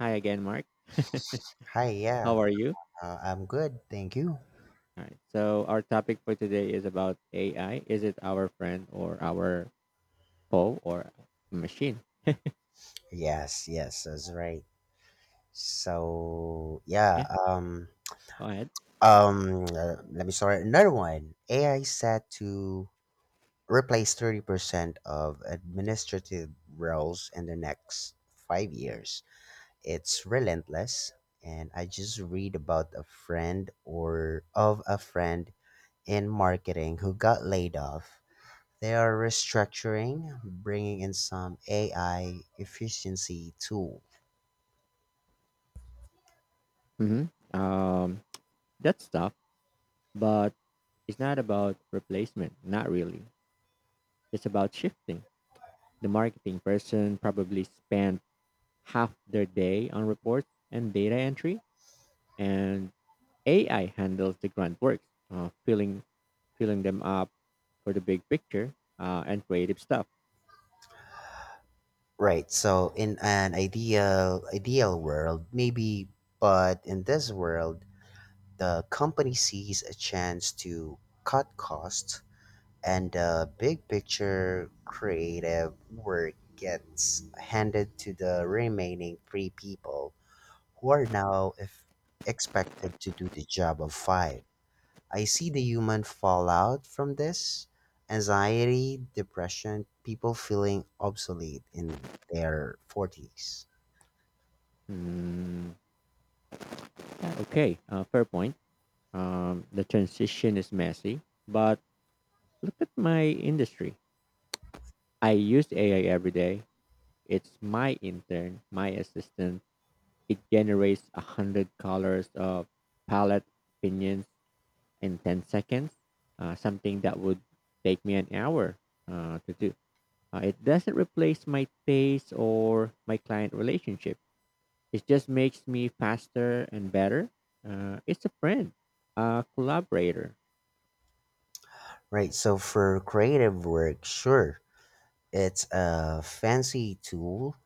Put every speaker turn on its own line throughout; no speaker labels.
Hi again, Mark.
Hi,
How
yeah,
are you?
I'm good, thank you.
All right. So our topic for today is about AI. Is it our friend or our foe or machine?
Yes, yes, that's right. So yeah,
Yeah.
um,
Go ahead.
Let me start another one. AI set to replace 30% of administrative roles in the next 5 years. It's relentless, and I just read about a friend or of a friend in marketing who got laid off. They are restructuring, bringing in some AI efficiency tool.
hmm Um, that's tough, but it's not about replacement. Not really. It's about shifting. The marketing person probably spent half their day on reports and data entry, and AI handles the grunt works, filling them up for the big picture and creative stuff.
Right. So in an ideal world, maybe, but in this world, the company sees a chance to cut costs, and the big picture creative work gets handed to the remaining three people who are now if expected to do the job of five. I see the human fallout from this: anxiety, depression, people feeling obsolete in their 40s.
Mm, okay, fair point. The transition is messy, but look at my industry. I use AI every day. It's my intern, my assistant. It generates 100 colors of palette opinions in 10 seconds. Something that would take me an hour to do. It doesn't replace my pace or my client relationship. It just makes me faster and better. It's a friend, a collaborator.
Right. So for creative work, sure, it's a fancy tool,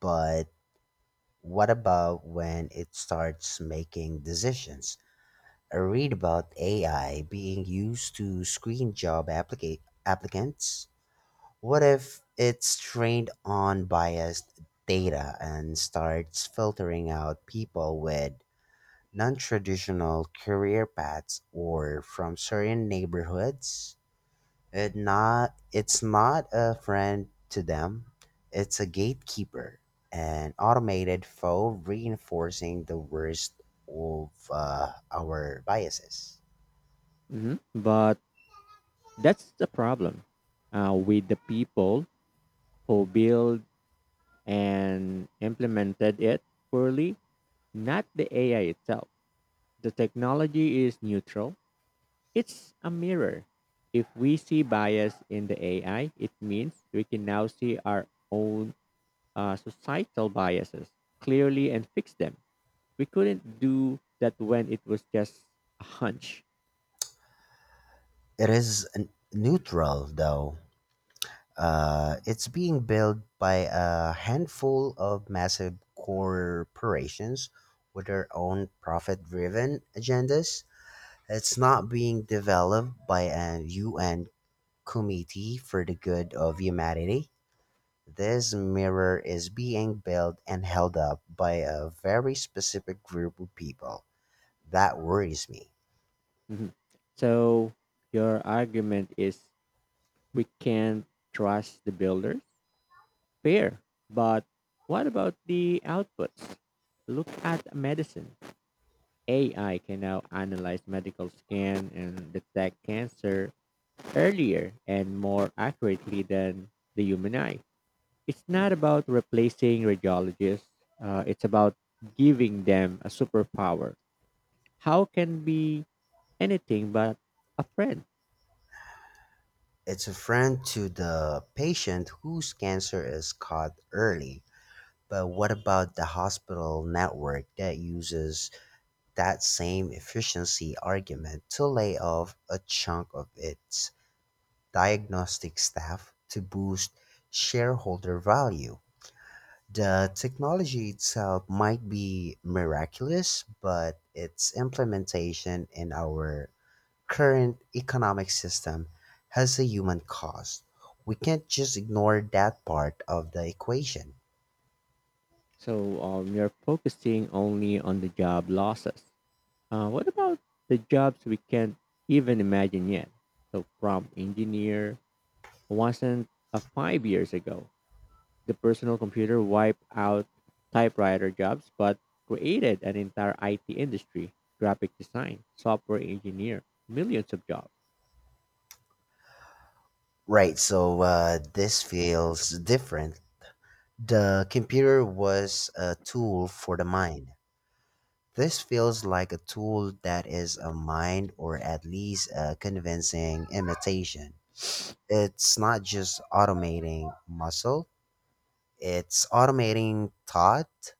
but what about when it starts making decisions? I read about AI being used to screen applicants. What if it's trained on biased data and starts filtering out people with non traditional career paths or from certain neighborhoods? It's not a friend to them. It's a gatekeeper, an automated foe reinforcing the worst of our biases.
But that's the problem with the people who build and implemented it poorly, not the AI itself. The technology is neutral, it's a mirror. If we see bias in the AI, it means we can now see our own societal biases clearly and fix them. We couldn't do that when it was just a hunch.
It is neutral though. It's being built by a handful of massive corporations with their own profit driven agendas. It's not being developed by a UN committee for the good of humanity. This mirror is being built and held up by a very specific group of people. That worries me.
Mhm. So your argument is we can't trust the builders? Fair. But what about the outputs? Look at medicine. AI can now analyze medical scan and detect cancer earlier and more accurately than the human eye. It's not about replacing radiologists. It's about giving them a superpower. How can be anything but a friend?
It's a friend to the patient whose cancer is caught early. But what about the hospital network that uses that same efficiency argument to lay off a chunk of its diagnostic staff to boost shareholder value? The technology itself might be miraculous, but its implementation in our current economic system has a human cost. We can't just ignore that part of the equation.
So you're focusing only on the job losses. What about the jobs we can't even imagine yet? So prompt engineer wasn't 5 years ago. The personal computer wiped out typewriter jobs, but created an entire IT industry, graphic design, software engineer, millions of jobs.
This feels different. The computer was a tool for the mind. This feels like a tool that is a mind, or at least a convincing imitation. It's not just automating muscle, it's automating thought,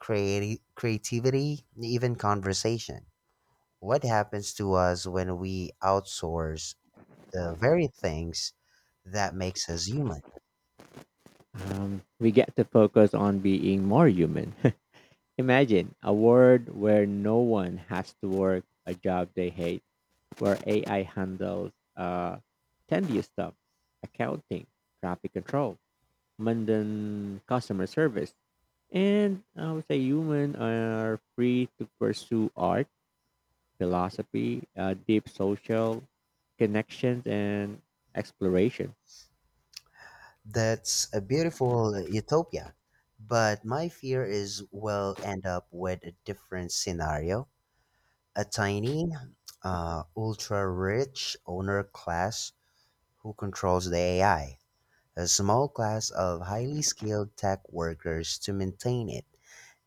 creativity, even conversation. What happens to us when we outsource the very things that makes us human?
We get to focus on being more human. Imagine a world where no one has to work a job they hate, where AI handles tedious stuff, accounting, traffic control, mundane customer service, and I would say humans are free to pursue art, philosophy, deep social connections, and exploration.
That's a beautiful utopia. But my fear is we'll end up with a different scenario. A tiny, ultra rich owner class who controls the AI, a small class of highly skilled tech workers to maintain it,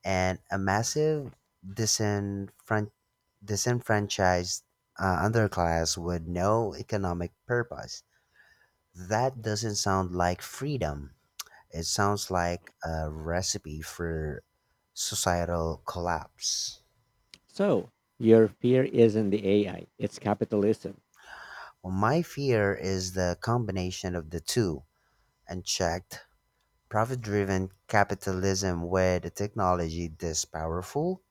and a massive disenfran- disenfranchised underclass with no economic purpose. That doesn't sound like freedom. It sounds like a recipe for societal collapse.
So your fear isn't the AI; it's capitalism.
Well, my fear is the combination of the two: unchecked, profit driven capitalism with a technology this powerful.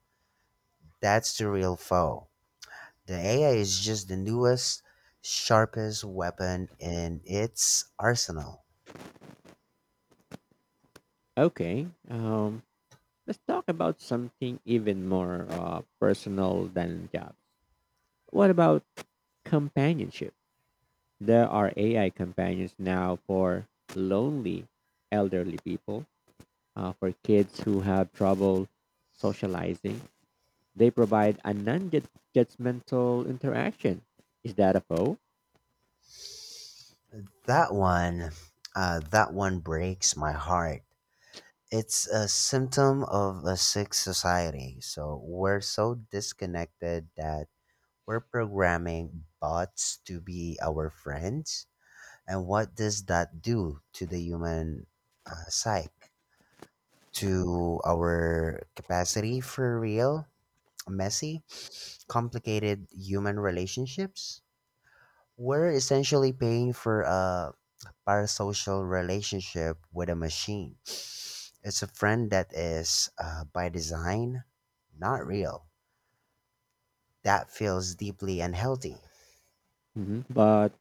That's the real foe. The AI is just the newest, sharpest weapon in its arsenal.
Okay. Let's talk about something even more personal than jobs. What about companionship? There are AI companions now for lonely elderly people, for kids who have trouble socializing. They provide a non judgmental interaction. Is that a foe?
That one, that one breaks my heart. It's a symptom of a sick society. So we're so disconnected that we're programming bots to be our friends. And what does that do to the human psyche? To our capacity for real, messy, complicated human relationships? We're essentially paying for a parasocial relationship with a machine. It's a friend that is, by design, not real. That feels deeply unhealthy.
But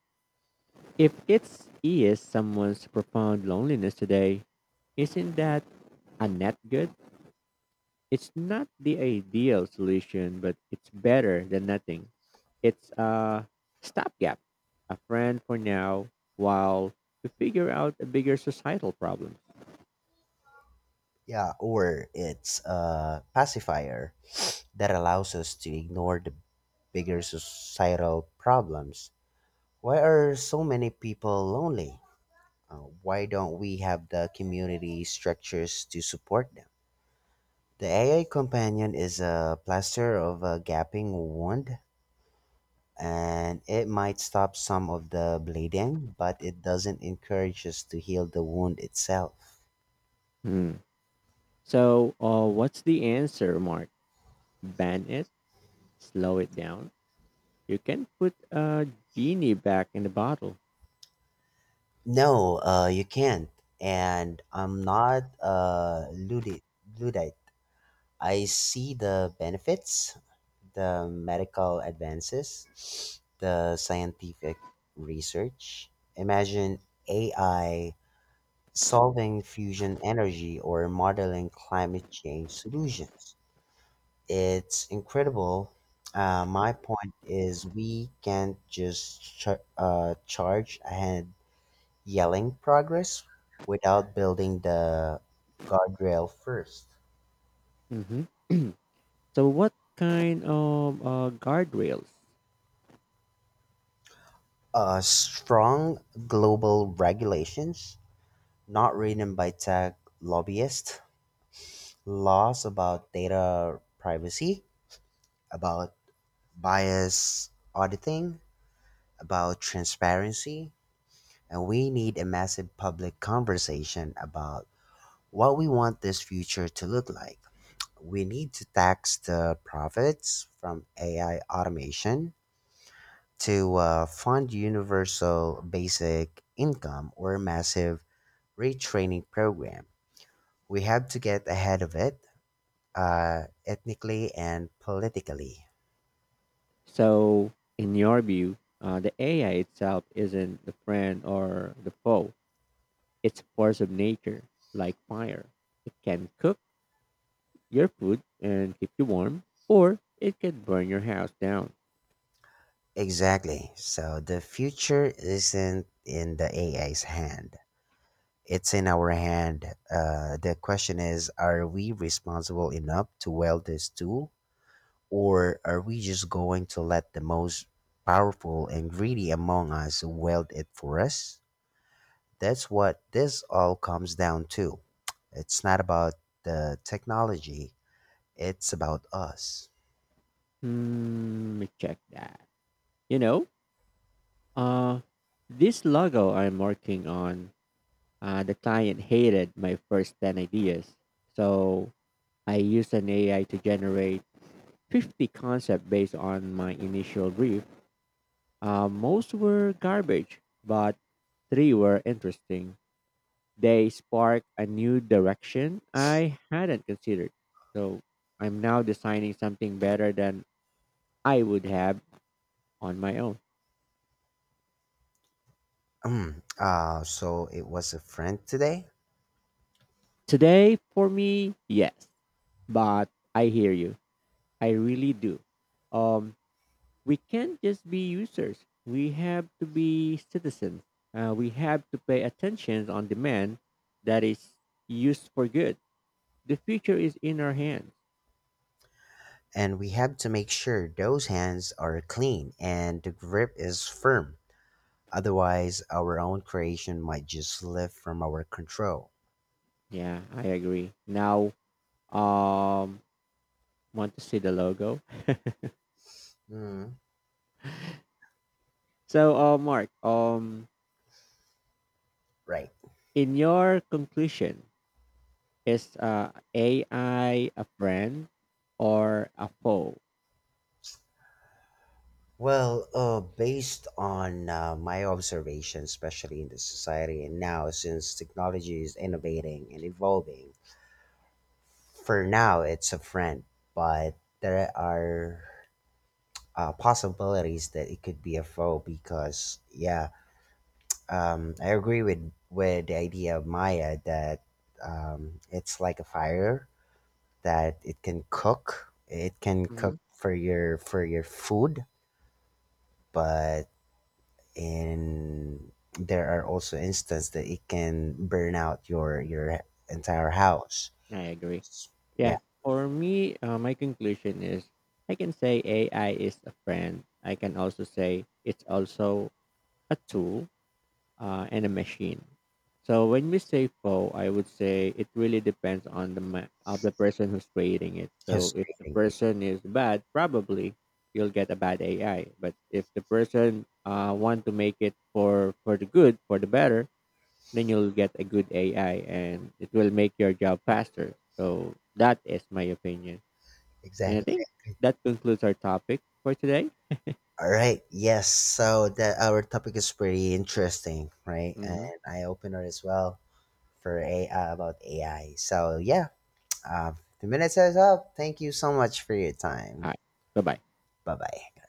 if it's is someone's profound loneliness today, isn't that a net good? It's not the ideal solution, but it's better than nothing. It's a stopgap, a friend for now, while we figure out a bigger societal problem.
Yeah, or it's a pacifier that allows us to ignore the bigger societal problems. Why are so many people lonely? Why don't we have the community structures to support them? The AI companion is a plaster of a gaping wound, and it might stop some of the bleeding, but it doesn't encourage us to heal the wound itself.
Hmm. So, what's the answer, Mark? Ban it, slow it down. You can put a genie back in the bottle.
No, you can't. And I'm not a Luddite. Luddite. I see the benefits, the medical advances, the scientific research. Imagine AI solving fusion energy or modeling climate change solutions. It's incredible. My point is, we can't just charge ahead yelling progress without building the guardrail first.
hmm so, what kind of guardrails?
Strong global regulations, not written by tech lobbyists, laws about data privacy, about bias auditing, about transparency, and we need a massive public conversation about what we want this future to look like. We need to tax the profits from AI automation to fund universal basic income or a massive retraining program. We have to get ahead of it ethnically and politically.
So, in your view, the AI itself isn't the friend or the foe. It's a force of nature, like fire. It can cook your food and keep you warm, or it can burn your house down.
Exactly. So the future isn't in the AI's hand. It's in our hand. The question is, are we responsible enough to wield this tool? Or are we just going to let the most powerful and greedy among us wield it for us? That's what this all comes down to. It's not about the technology, it's about us.
Hmm, let me check that. You know, uh, this logo I'm working on, the client hated my first 10 ideas. So I used an AI to generate 50 concepts based on my initial brief. Most were garbage, but three were interesting. They spark a new direction I hadn't considered. So I'm now designing something better than I would have on my own.
So it was a friend today,
Today, for me, yes, but I hear you. I really do. Um, we can't just be users. We have to be citizens. We have to pay attention on demand that is used for good. The future is in our hands.
and we have to make sure those hands are clean and the grip is firm. Otherwise, our own creation might just slip from our control.
Yeah, I agree. Now, um, want to see the logo?
Mm,
So, Mark,
right.
in your conclusion, is AI a friend or a foe?
Well, based on my observation, especially in the society and now, since technology is innovating and evolving, for now it's a friend, but there are possibilities that it could be a foe because, yeah, I agree with the idea of Maya that it's like a fire that it can
hmm
cook for your food, but and there are also instances that it can burn out your entire house.
I agree.
S- Yeah,
Yeah, for me, my conclusion is I can say AI is a friend. I can also say it's also a tool and a machine. So when we say faux, I would say it really depends on the of the person who's creating it. So if the
frustrating.
person is bad, probably you'll get a bad AI. But if the person want to make it for the good, for the better, then you'll get a good AI, and it will make your job faster. So that is my opinion, and I
Exactly.
think that concludes our topic for today.
All right. Yes. So that our topic is pretty interesting, right? And
Mm-hmm.
I open it as well for a about AI. Uh, the minutes is up. Thank you so much for your
All
time.
right, bye bye.
Bye bye.